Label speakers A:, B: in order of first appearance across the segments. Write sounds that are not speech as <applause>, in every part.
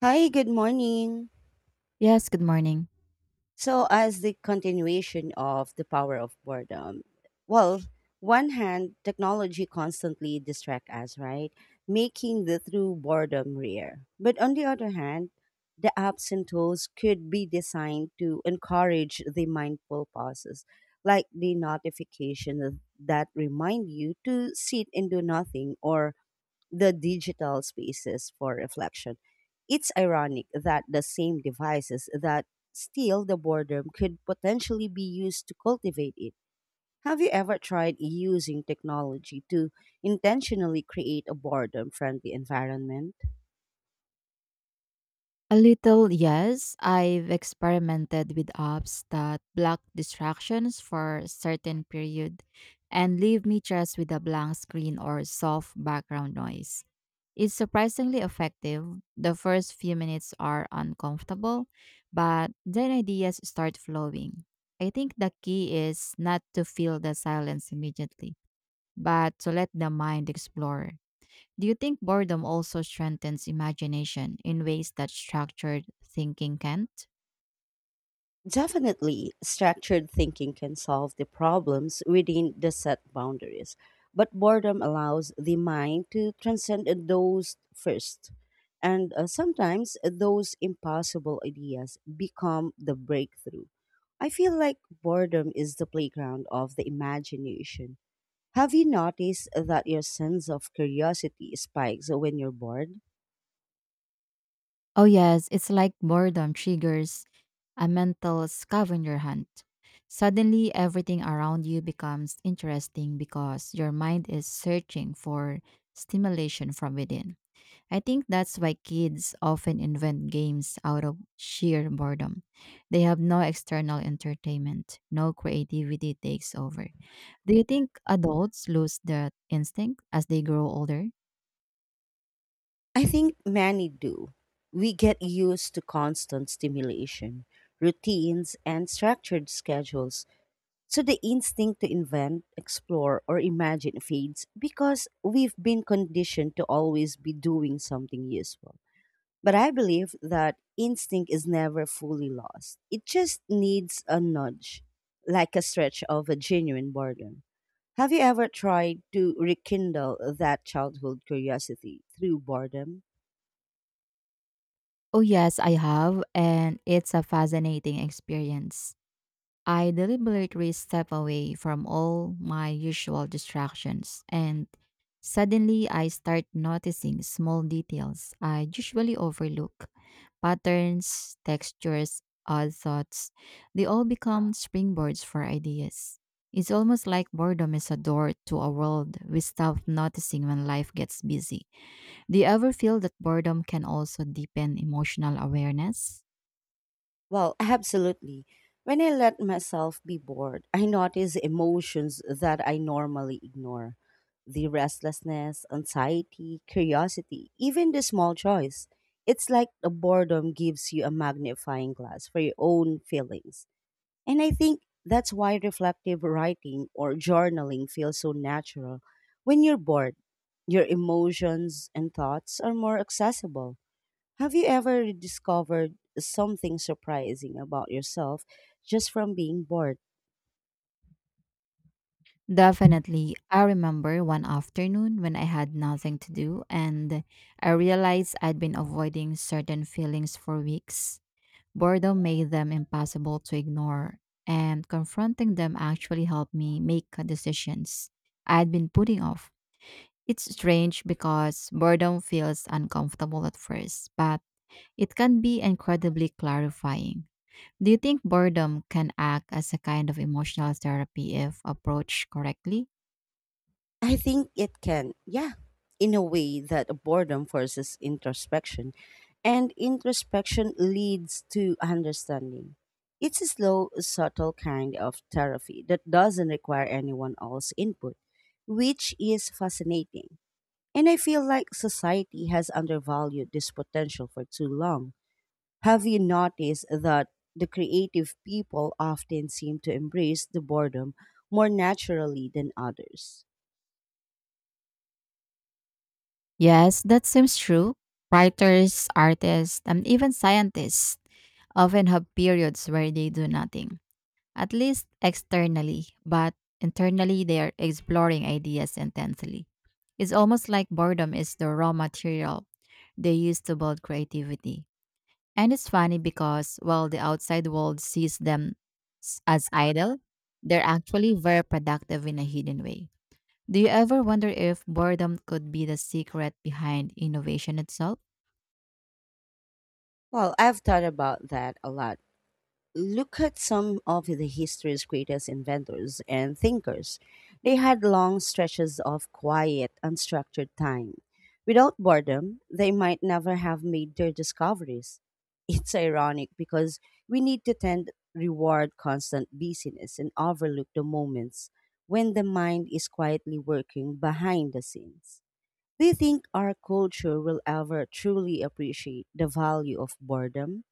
A: Hi, good morning.
B: Yes, good morning.
A: So, as the continuation of the power of boredom, well, one hand, technology constantly distracts us, right? Making the true boredom rare. But on the other hand, the apps and tools could be designed to encourage the mindful pauses, like the notification that remind you to sit and do nothing or the digital spaces for reflection. It's ironic that the same devices that steal the boredom could potentially be used to cultivate it. Have you ever tried using technology to intentionally create a boredom friendly environment?
B: A little, yes. I've experimented with apps that block distractions for a certain period and leave me just with a blank screen or soft background noise. It's surprisingly effective. The first few minutes are uncomfortable, but then ideas start flowing. I think the key is not to feel the silence immediately, but to let the mind explore. Do you think boredom also strengthens imagination in ways that structured thinking can't?
A: Definitely, structured thinking can solve the problems within the set boundaries, but boredom allows the mind to transcend those first. And sometimes those impossible ideas become the breakthrough. I feel like boredom is the playground of the imagination. Have you noticed that your sense of curiosity spikes when you're bored?
B: Oh, yes, it's like boredom triggers a mental scavenger hunt. Suddenly, everything around you becomes interesting because your mind is searching for stimulation from within. I think that's why kids often invent games out of sheer boredom. They have no external entertainment, no creativity takes over. Do you think adults lose that instinct as they grow older?
A: I think many do. We get used to constant stimulation, routines, and structured schedules, so the instinct to invent, explore, or imagine fades because we've been conditioned to always be doing something useful. But I believe that instinct is never fully lost, it just needs a nudge, like a stretch of a genuine boredom. Have you ever tried to rekindle that childhood curiosity through boredom?
B: Oh, yes, I have, and it's a fascinating experience. I deliberately step away from all my usual distractions, and suddenly I start noticing small details I usually overlook patterns, textures, odd thoughts. They all become springboards for ideas. It's almost like boredom is a door to a world we stop noticing when life gets busy. Do you ever feel that boredom can also deepen emotional awareness?
A: Well, absolutely. When I let myself be bored, I notice emotions that I normally ignore the restlessness, anxiety, curiosity, even the small joys. It's like the boredom gives you a magnifying glass for your own feelings. And I think that's why reflective writing or journaling feels so natural. When you're bored, your emotions and thoughts are more accessible. Have you ever discovered something surprising about yourself just from being bored?
B: Definitely. I remember one afternoon when I had nothing to do and I realized I'd been avoiding certain feelings for weeks. Boredom made them impossible to ignore, and confronting them actually helped me make decisions I'd been putting off. It's strange because boredom feels uncomfortable at first, but it can be incredibly clarifying. Do you think boredom can act as a kind of emotional therapy if approached correctly?
A: I think it can, yeah, in a way that boredom forces introspection, and introspection leads to understanding. It's a slow, subtle kind of therapy that doesn't require anyone else's input, which is fascinating. And I feel like society has undervalued this potential for too long. Have you noticed that the creative people often seem to embrace the boredom more naturally than others?
B: Yes, that seems true. Writers, artists, and even scientists often have periods where they do nothing, at least externally, but internally they are exploring ideas intensely. It's almost like boredom is the raw material they use to build creativity. And it's funny because while the outside world sees them as idle, they're actually very productive in a hidden way. Do you ever wonder if boredom could be the secret behind innovation itself?
A: Well, I've thought about that a lot. Look at some of the history's greatest inventors and thinkers. They had long stretches of quiet, unstructured time. Without boredom, they might never have made their discoveries. <laughs> It's ironic because we need to tend reward constant busyness and overlook the moments when the mind is quietly working behind the scenes. Do you think our culture will ever truly appreciate the value of boredom?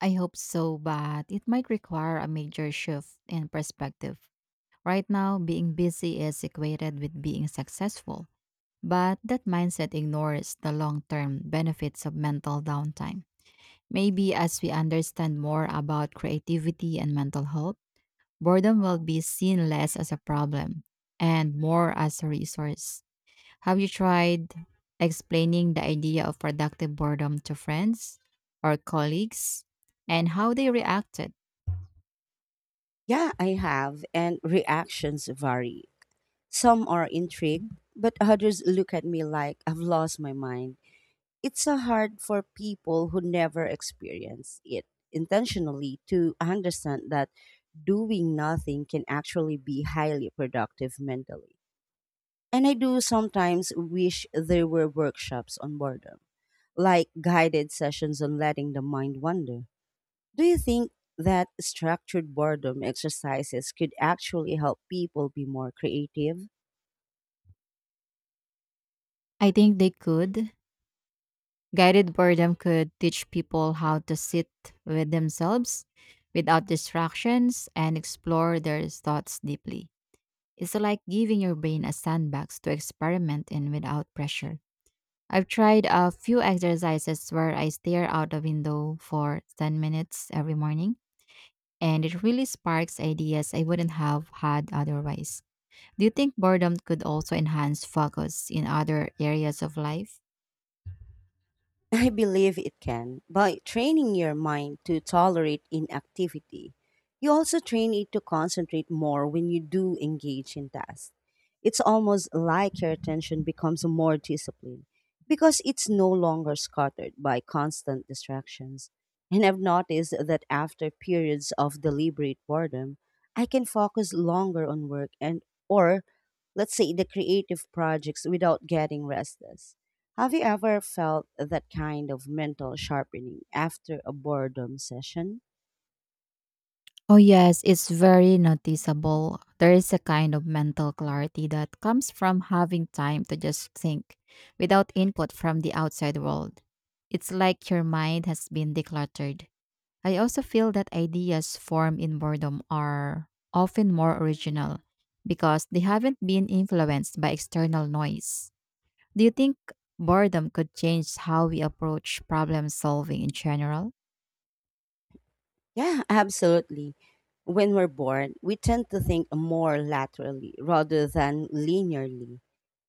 B: I hope so, but it might require a major shift in perspective. Right now, being busy is equated with being successful, but that mindset ignores the long term benefits of mental downtime. Maybe as we understand more about creativity and mental health, boredom will be seen less as a problem and more as a resource. Have you tried explaining the idea of productive boredom to friends or colleagues and how they reacted?
A: Yeah, I have, and reactions vary. Some are intrigued, but others look at me like I've lost my mind. It's a hard for people who never experience it intentionally to understand that doing nothing can actually be highly productive mentally. And I do sometimes wish there were workshops on boredom, like guided sessions on letting the mind wander. Do you think that structured boredom exercises could actually help people be more creative?
B: I think they could. Guided boredom could teach people how to sit with themselves without distractions and explore their thoughts deeply. It's like giving your brain a sandbox to experiment in without pressure. I've tried a few exercises where I stare out the window for 10 minutes every morning and it really sparks ideas I wouldn't have had otherwise. Do you think boredom could also enhance focus in other areas of life?
A: I believe it can. By training your mind to tolerate inactivity, you also train it to concentrate more when you do engage in tasks. It's almost like your attention becomes more disciplined because it's no longer scattered by constant distractions. And I've noticed that after periods of deliberate boredom, I can focus longer on work and or let's say the creative projects without getting restless. Have you ever felt that kind of mental sharpening after a boredom session?
B: Oh, yes, it's very noticeable. There is a kind of mental clarity that comes from having time to just think without input from the outside world. It's like your mind has been decluttered. I also feel that ideas formed in boredom are often more original because they haven't been influenced by external noise. Do you think boredom could change how we approach problem solving in general?
A: Yeah, absolutely. When we're bored, we tend to think more laterally rather than linearly.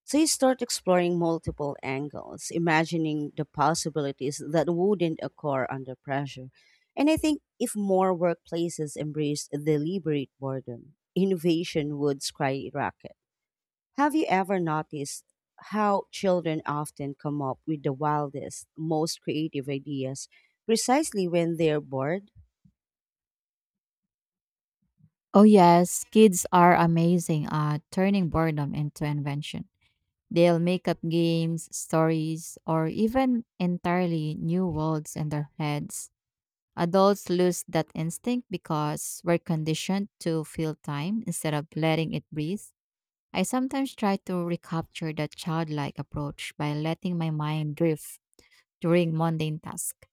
A: So you start exploring multiple angles, imagining the possibilities that wouldn't occur under pressure. And I think if more workplaces embraced deliberate boredom, innovation would skyrocket. Have you ever noticed how children often come up with the wildest, most creative ideas precisely when they're bored?
B: Oh, yes, kids are amazing at turning boredom into invention. They'll make up games, stories, or even entirely new worlds in their heads. Adults lose that instinct because we're conditioned to fill time instead of letting it breathe. I sometimes try to recapture that childlike approach by letting my mind drift during mundane tasks.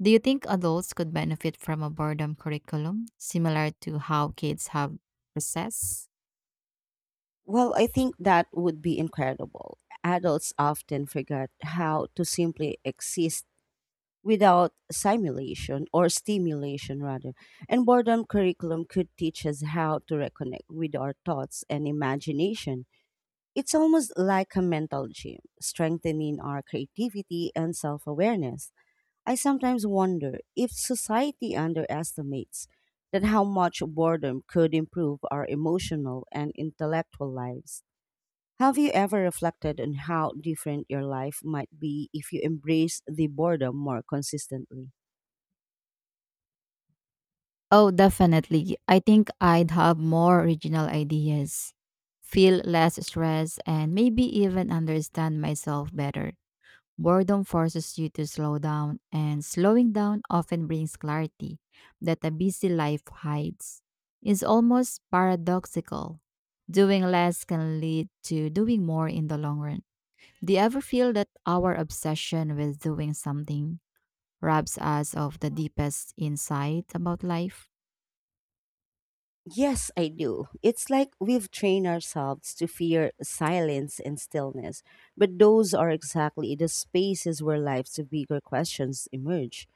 B: Do you think adults could benefit from a boredom curriculum similar to how kids have recess?
A: Well, I think that would be incredible. Adults often forget how to simply exist without simulation or stimulation, rather. And boredom curriculum could teach us how to reconnect with our thoughts and imagination. It's almost like a mental gym, strengthening our creativity and self awareness. I sometimes wonder if society underestimates that how much boredom could improve our emotional and intellectual lives. Have you ever reflected on how different your life might be if you embrace the boredom more consistently?
B: Oh, definitely. I think I'd have more original ideas, feel less stress, and maybe even understand myself better. Boredom forces you to slow down, and slowing down often brings clarity that a busy life hides. It's almost paradoxical. Doing less can lead to doing more in the long run. Do you ever feel that our obsession with doing something robs us of the deepest insight about life?
A: Yes, I do. It's like we've trained ourselves to fear silence and stillness, but those are exactly the spaces where life's bigger questions emerge.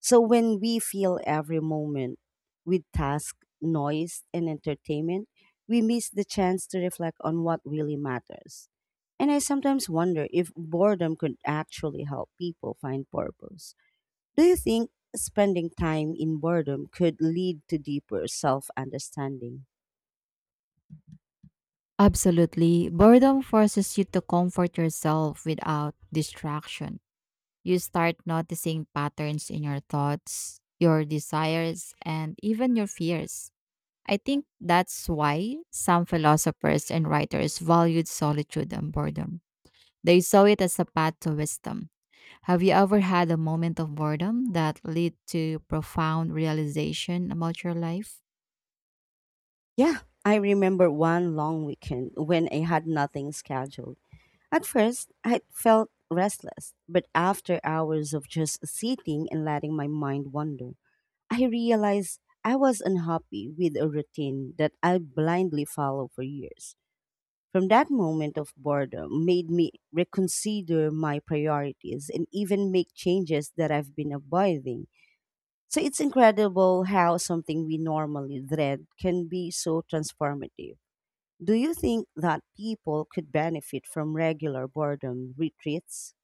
A: So when we fill every moment with task, noise, and entertainment, we miss the chance to reflect on what really matters. And I sometimes wonder if boredom could actually help people find purpose. Do you think spending time in boredom could lead to deeper self understanding?
B: Absolutely. Boredom forces you to comfort yourself without distraction. You start noticing patterns in your thoughts, your desires, and even your fears. I think that's why some philosophers and writers valued solitude and boredom. They saw it as a path to wisdom. Have you ever had a moment of boredom that led to profound realization about your life?
A: Yeah, I remember one long weekend when I had nothing scheduled. At first, I felt restless, but after hours of just sitting and letting my mind wander, I realized I was unhappy with a routine that I blindly followed for years. From that moment of boredom made me reconsider my priorities and even make changes that I've been avoiding. So it's incredible how something we normally dread can be so transformative. Do you think that people could benefit from regular boredom retreats?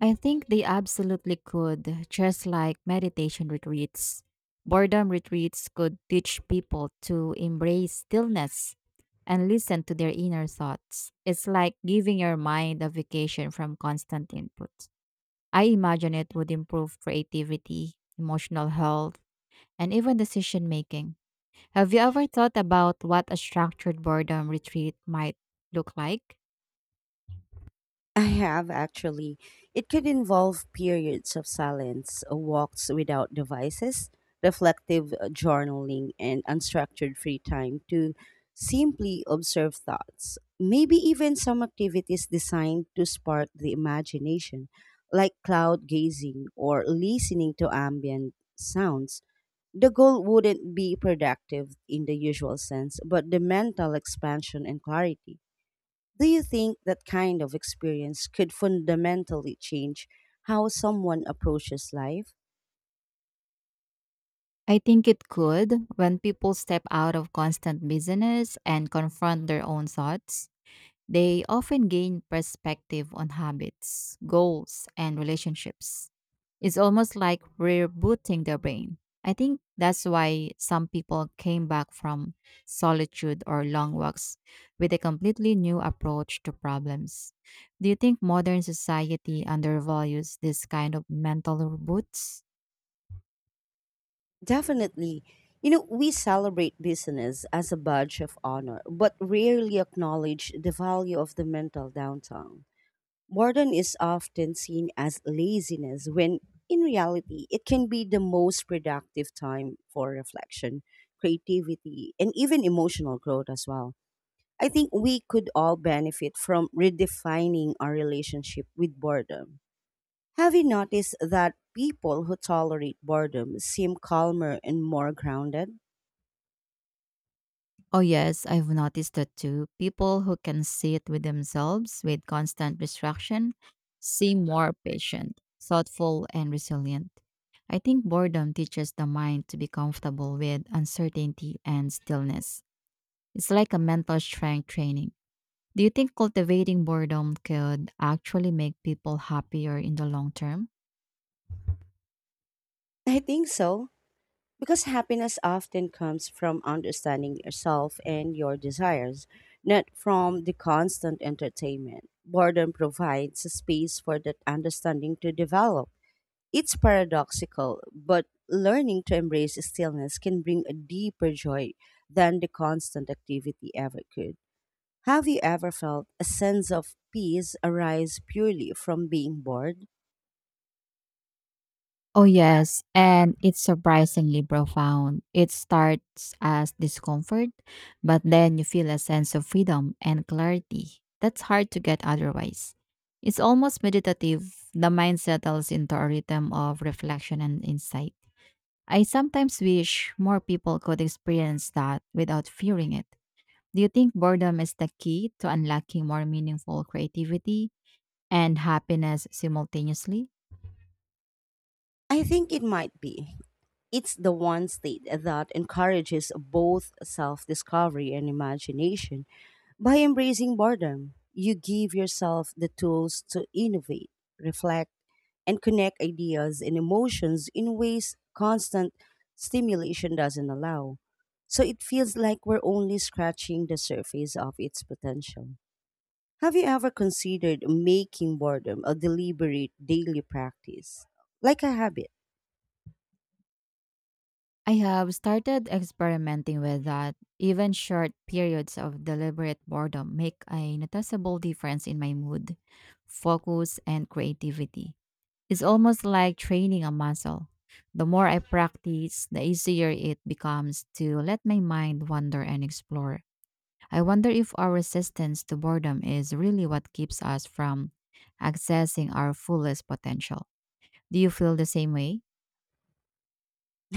B: I think they absolutely could, just like meditation retreats. Boredom retreats could teach people to embrace stillness and listen to their inner thoughts. It's like giving your mind a vacation from constant input. I imagine it would improve creativity, emotional health, and even decision making. Have you ever thought about what a structured boredom retreat might look like?
A: I have actually. It could involve periods of silence, walks without devices, reflective journaling, and unstructured free time to simply observe thoughts. Maybe even some activities designed to spark the imagination, like cloud gazing or listening to ambient sounds. The goal wouldn't be productive in the usual sense, but the mental expansion and clarity. Do you think that kind of experience could fundamentally change how someone approaches life?
B: I think it could when people step out of constant busyness and confront their own thoughts. They often gain perspective on habits, goals, and relationships. It's almost like rebooting their brain. I think that's why some people came back from solitude or long walks with a completely new approach to problems. Do you think modern society undervalues this kind of mental reboots?
A: Definitely. You know, we celebrate business as a badge of honor, but rarely acknowledge the value of the mental downtime. Boredom is often seen as laziness when in reality it can be the most productive time for reflection, creativity, and even emotional growth as well. I think we could all benefit from redefining our relationship with boredom. Have you noticed that people who tolerate boredom seem calmer and more grounded?
B: Oh, yes, I've noticed that too. People who can sit with themselves with constant distraction seem more patient, thoughtful, and resilient. I think boredom teaches the mind to be comfortable with uncertainty and stillness. It's like a mental strength training. Do you think cultivating boredom could actually make people happier in the long term?
A: I think so. Because happiness often comes from understanding yourself and your desires, not from the constant entertainment. Boredom provides a space for that understanding to develop. It's paradoxical, but learning to embrace stillness can bring a deeper joy than the constant activity ever could. Have you ever felt a sense of peace arise purely from being bored?
B: Oh, yes. And it's surprisingly profound. It starts as discomfort, but then you feel a sense of freedom and clarity. That's hard to get otherwise. It's almost meditative. The mind settles into a rhythm of reflection and insight. I sometimes wish more people could experience that without fearing it. Do you think boredom is the key to unlocking more meaningful creativity and happiness simultaneously?
A: I think it might be. It's the one state that encourages both self discovery and imagination. By embracing boredom, you give yourself the tools to innovate, reflect, and connect ideas and emotions in ways constant stimulation doesn't allow. So it feels like we're only scratching the surface of its potential. Have you ever considered making boredom a deliberate daily practice, like a habit?
B: I have started experimenting with that. Even short periods of deliberate boredom make a noticeable difference in my mood, focus, and creativity. It's almost like training a muscle. The more I practice, the easier it becomes to let my mind wander and explore. I wonder if our resistance to boredom is really what keeps us from accessing our fullest potential. Do you feel the same way?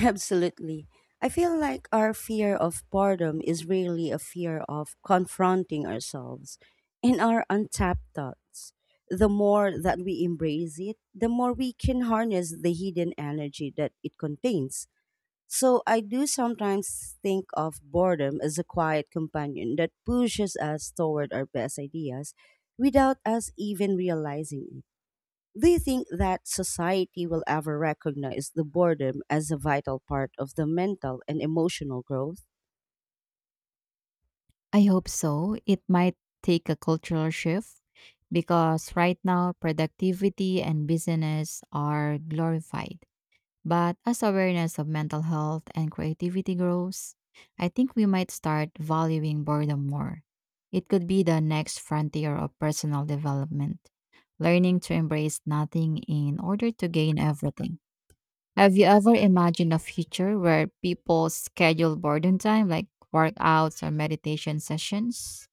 A: Absolutely. I feel like our fear of boredom is really a fear of confronting ourselves and our untapped thoughts. The more that we embrace it, the more we can harness the hidden energy that it contains. So I do sometimes think of boredom as a quiet companion that pushes us toward our best ideas without us even realizing it. Do you think that society will ever recognize the boredom as a vital part of the mental and emotional growth?
B: I hope so. It might take a cultural shift because right now productivity and business are glorified. But as awareness of mental health and creativity grows, I think we might start valuing boredom more. It could be the next frontier of personal development, learning to embrace nothing in order to gain everything. Have you ever imagined a future where people schedule boredom time like workouts or meditation sessions?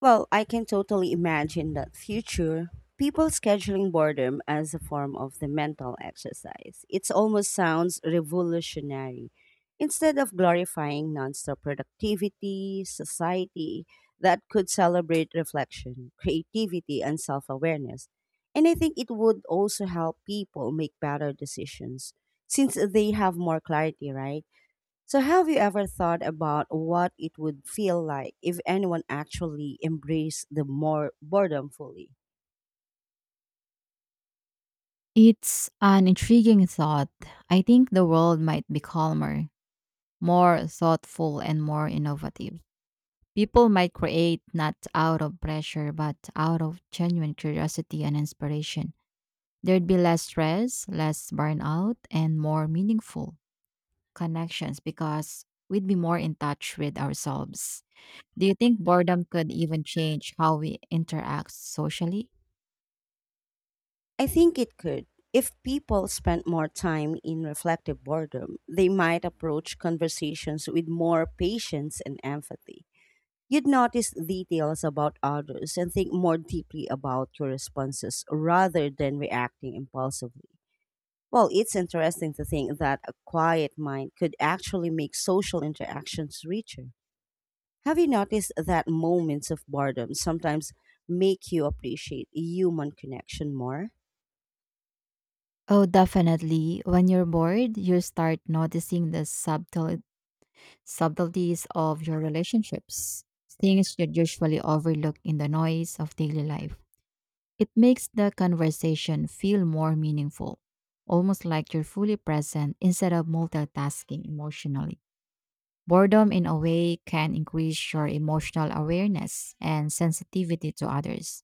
A: Well, I can totally imagine that future. People scheduling boredom as a form of the mental exercise. It almost sounds revolutionary. Instead of glorifying nonstop productivity, society that could celebrate reflection, creativity, and self awareness. And I think it would also help people make better decisions since they have more clarity, right? So, have you ever thought about what it would feel like if anyone actually embraced the more boredom fully?
B: It's an intriguing thought. I think the world might be calmer, more thoughtful, and more innovative. People might create not out of pressure, but out of genuine curiosity and inspiration. There'd be less stress, less burnout, and more meaningful connections because we'd be more in touch with ourselves. Do you think boredom could even change how we interact socially?
A: I think it could. If people spent more time in reflective boredom, they might approach conversations with more patience and empathy. You'd notice details about others and think more deeply about your responses rather than reacting impulsively. Well, it's interesting to think that a quiet mind could actually make social interactions richer. Have you noticed that moments of boredom sometimes make you appreciate human connection more?
B: Oh, definitely. When you're bored, you start noticing the subtleties of your relationships, things you'd usually overlook in the noise of daily life. It makes the conversation feel more meaningful, almost like you're fully present instead of multitasking emotionally. Boredom, in a way, can increase your emotional awareness and sensitivity to others.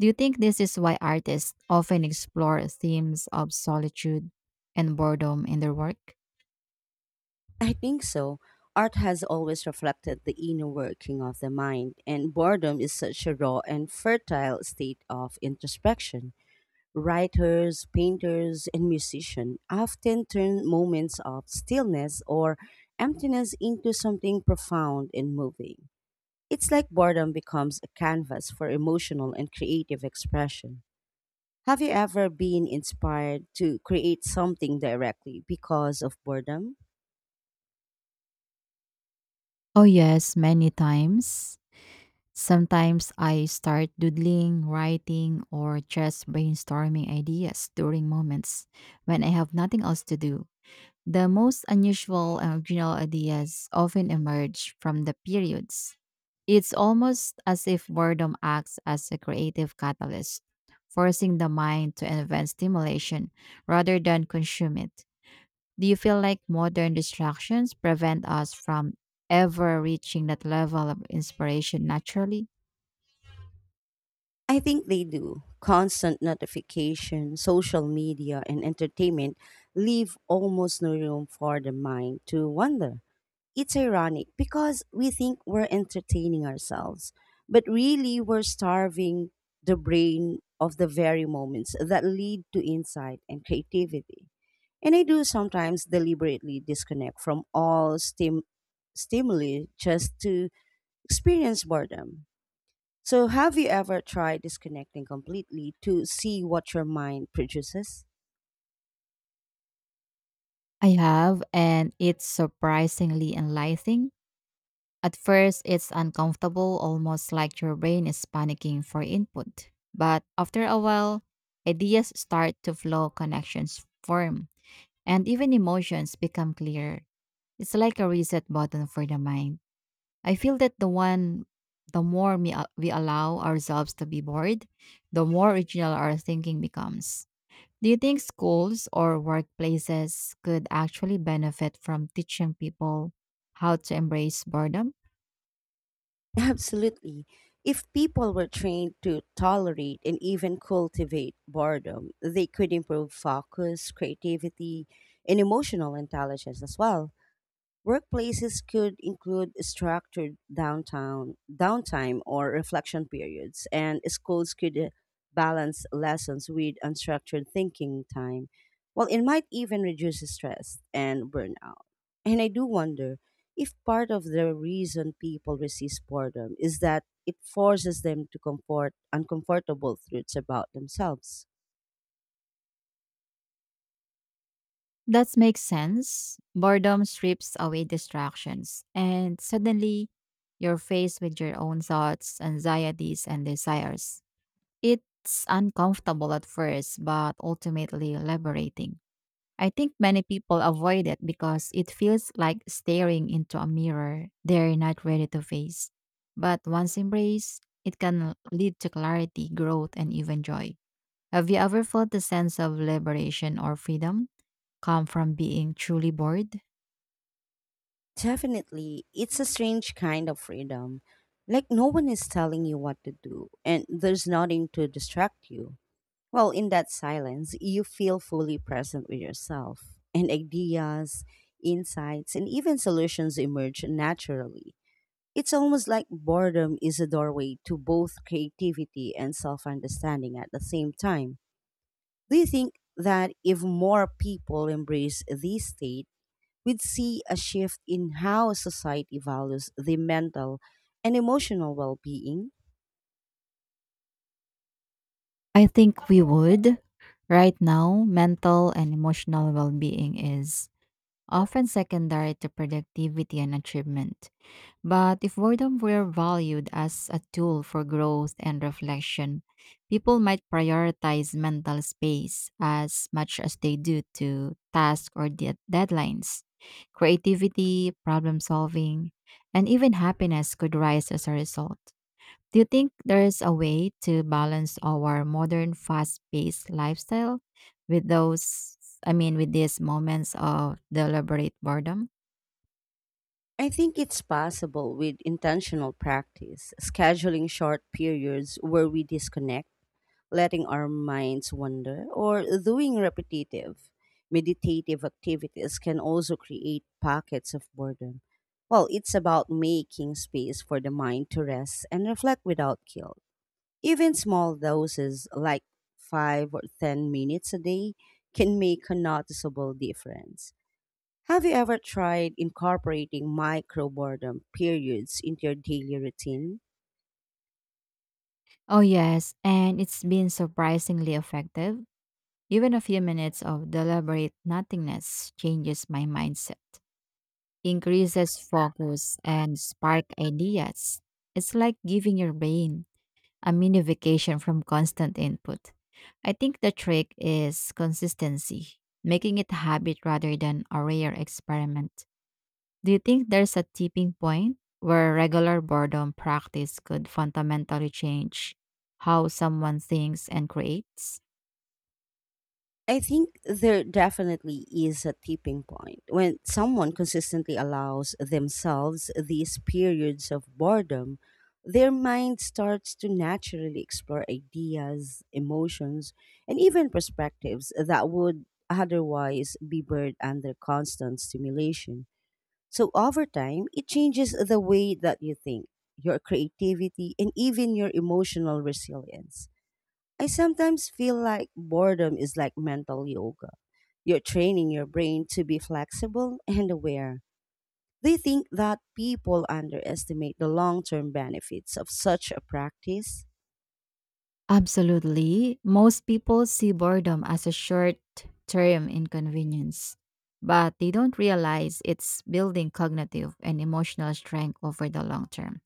B: Do you think this is why artists often explore themes of solitude and boredom in their work?
A: I think so. Art has always reflected the inner working of the mind, and boredom is such a raw and fertile state of introspection. Writers, painters, and musicians often turn moments of stillness or emptiness into something profound and moving. It's like boredom becomes a canvas for emotional and creative expression. Have you ever been inspired to create something directly because of boredom?
B: Oh, yes, many times. Sometimes I start doodling, writing, or just brainstorming ideas during moments when I have nothing else to do. The most unusual and original ideas often emerge from the periods. It's almost as if boredom acts as a creative catalyst, forcing the mind to invent stimulation rather than consume it. Do you feel like modern distractions prevent us from ever reaching that level of inspiration naturally?
A: I think they do. Constant notification, social media, and entertainment leave almost no room for the mind to wander. It's ironic because we think we're entertaining ourselves, but really we're starving the brain of the very moments that lead to insight and creativity. And I do sometimes deliberately disconnect from all stimuli just to experience boredom. So, have you ever tried disconnecting completely to see what your mind produces?
B: I have, and it's surprisingly enlightening. At first, it's uncomfortable, almost like your brain is panicking for input. But after a while, ideas start to flow, connections form, and even emotions become clearer. It's like a reset button for the mind. I feel that the more we allow ourselves to be bored, the more original our thinking becomes. Do you think schools or workplaces could actually benefit from teaching people how to embrace boredom?
A: Absolutely. If people were trained to tolerate and even cultivate boredom, they could improve focus, creativity, and emotional intelligence as well. Workplaces could include structured downtown downtime or reflection periods, and schools could balance lessons with unstructured thinking time. Well, it might even reduce stress and burnout. And I do wonder if part of the reason people resist boredom is that it forces them to comfort uncomfortable truths about themselves.
B: That makes sense. Boredom strips away distractions, and suddenly you're faced with your own thoughts, anxieties, and desires. It's uncomfortable at first, but ultimately liberating. I think many people avoid it because it feels like staring into a mirror they're not ready to face. But once embraced, it can lead to clarity, growth, and even joy. Have you ever felt the sense of liberation or freedom come from being truly bored?
A: Definitely, it's a strange kind of freedom. Like, no one is telling you what to do, and there's nothing to distract you. Well, in that silence, you feel fully present with yourself, and ideas, insights, and even solutions emerge naturally. It's almost like boredom is a doorway to both creativity and self understanding at the same time. Do you think that if more people embrace this state, we'd see a shift in how society values the mental and emotional well being?
B: I think we would. Right now, mental and emotional well being is often secondary to productivity and achievement. But if boredom were valued as a tool for growth and reflection, people might prioritize mental space as much as they do to tasks or deadlines. Creativity, problem solving, and even happiness could rise as a result. Do you think there is a way to balance our modern fast paced lifestyle with with these moments of deliberate boredom?
A: I think it's possible with intentional practice, scheduling short periods where we disconnect, letting our minds wander, or doing repetitive meditative activities can also create pockets of boredom. Well, it's about making space for the mind to rest and reflect without guilt. Even small doses, like 5 or 10 minutes a day, can make a noticeable difference. Have you ever tried incorporating micro boredom periods into your daily routine?
B: Oh, yes, and it's been surprisingly effective. Even a few minutes of deliberate nothingness changes my mindset, increases focus, and spark ideas. It's like giving your brain a mini vacation from constant input. I think the trick is consistency, making it a habit rather than a rare experiment. Do you think there's a tipping point where regular boredom practice could fundamentally change how someone thinks and creates?
A: I think there definitely is a tipping point when someone consistently allows themselves these periods of boredom. Their mind starts to naturally explore ideas, emotions, and even perspectives that would otherwise be buried under constant stimulation. So, over time, it changes the way that you think, your creativity, and even your emotional resilience. I sometimes feel like boredom is like mental yoga. You're training your brain to be flexible and aware. They think that people underestimate the long term benefits of such a practice.
B: Absolutely. Most people see boredom as a short term inconvenience, but they don't realize it's building cognitive and emotional strength over the long term.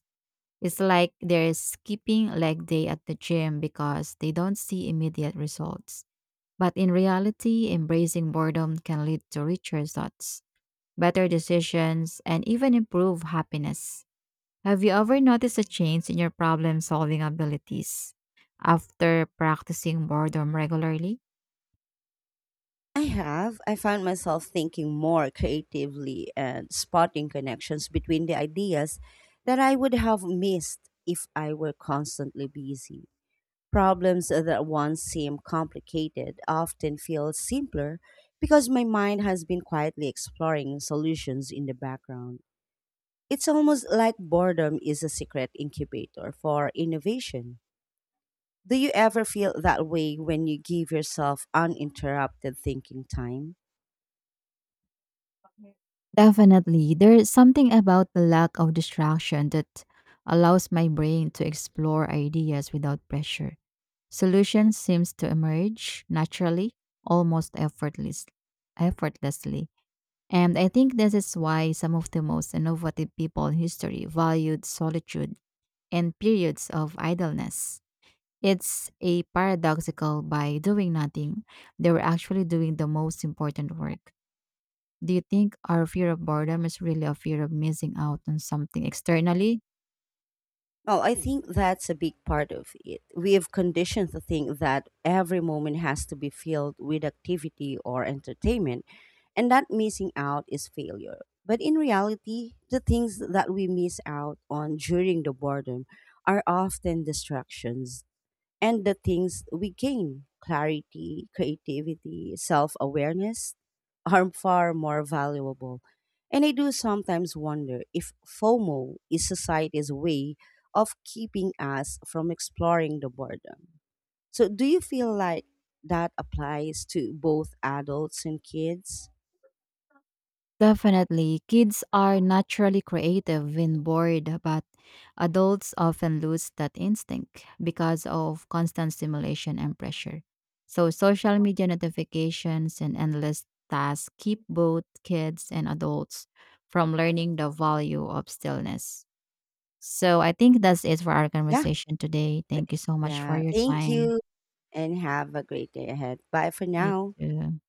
B: It's like they're skipping leg day at the gym because they don't see immediate results. But in reality, embracing boredom can lead to richer thoughts better decisions, and even improve happiness. Have you ever noticed a change in your problem solving abilities after practicing boredom regularly?
A: I have. I found myself thinking more creatively and spotting connections between the ideas that I would have missed if I were constantly busy. Problems that once seemed complicated often feel simpler because my mind has been quietly exploring solutions in the background. It's almost like boredom is a secret incubator for innovation. Do you ever feel that way when you give yourself uninterrupted thinking time?
B: Definitely. There's something about the lack of distraction that allows my brain to explore ideas without pressure. Solutions seems to emerge naturally, almost effortless, effortlessly. And I think this is why some of the most innovative people in history valued solitude and periods of idleness. It's a paradoxical by doing nothing, they were actually doing the most important work. Do you think our fear of boredom is really a fear of missing out on something externally?
A: Well, I think that's a big part of it. We have conditioned to think that every moment has to be filled with activity or entertainment, and that missing out is failure. But in reality, the things that we miss out on during the boredom are often distractions and the things we gain clarity, creativity, self awareness <laughs> are far more valuable. And I do sometimes wonder if FOMO is society's way of keeping us from exploring the boredom. So, do you feel like that applies to both adults and kids?
B: Definitely. Kids are naturally creative when bored, but adults often lose that instinct because of constant stimulation and pressure. So, social media notifications and endless tasks keep both kids and adults from learning the value of stillness. So, I think that's it for our
A: Yeah.
B: conversation today.
A: th-
B: Thank you so much for
A: Yeah.
B: your
A: Thank
B: time.
A: you and have a great day ahead. Bye for
B: You
A: now.
B: too.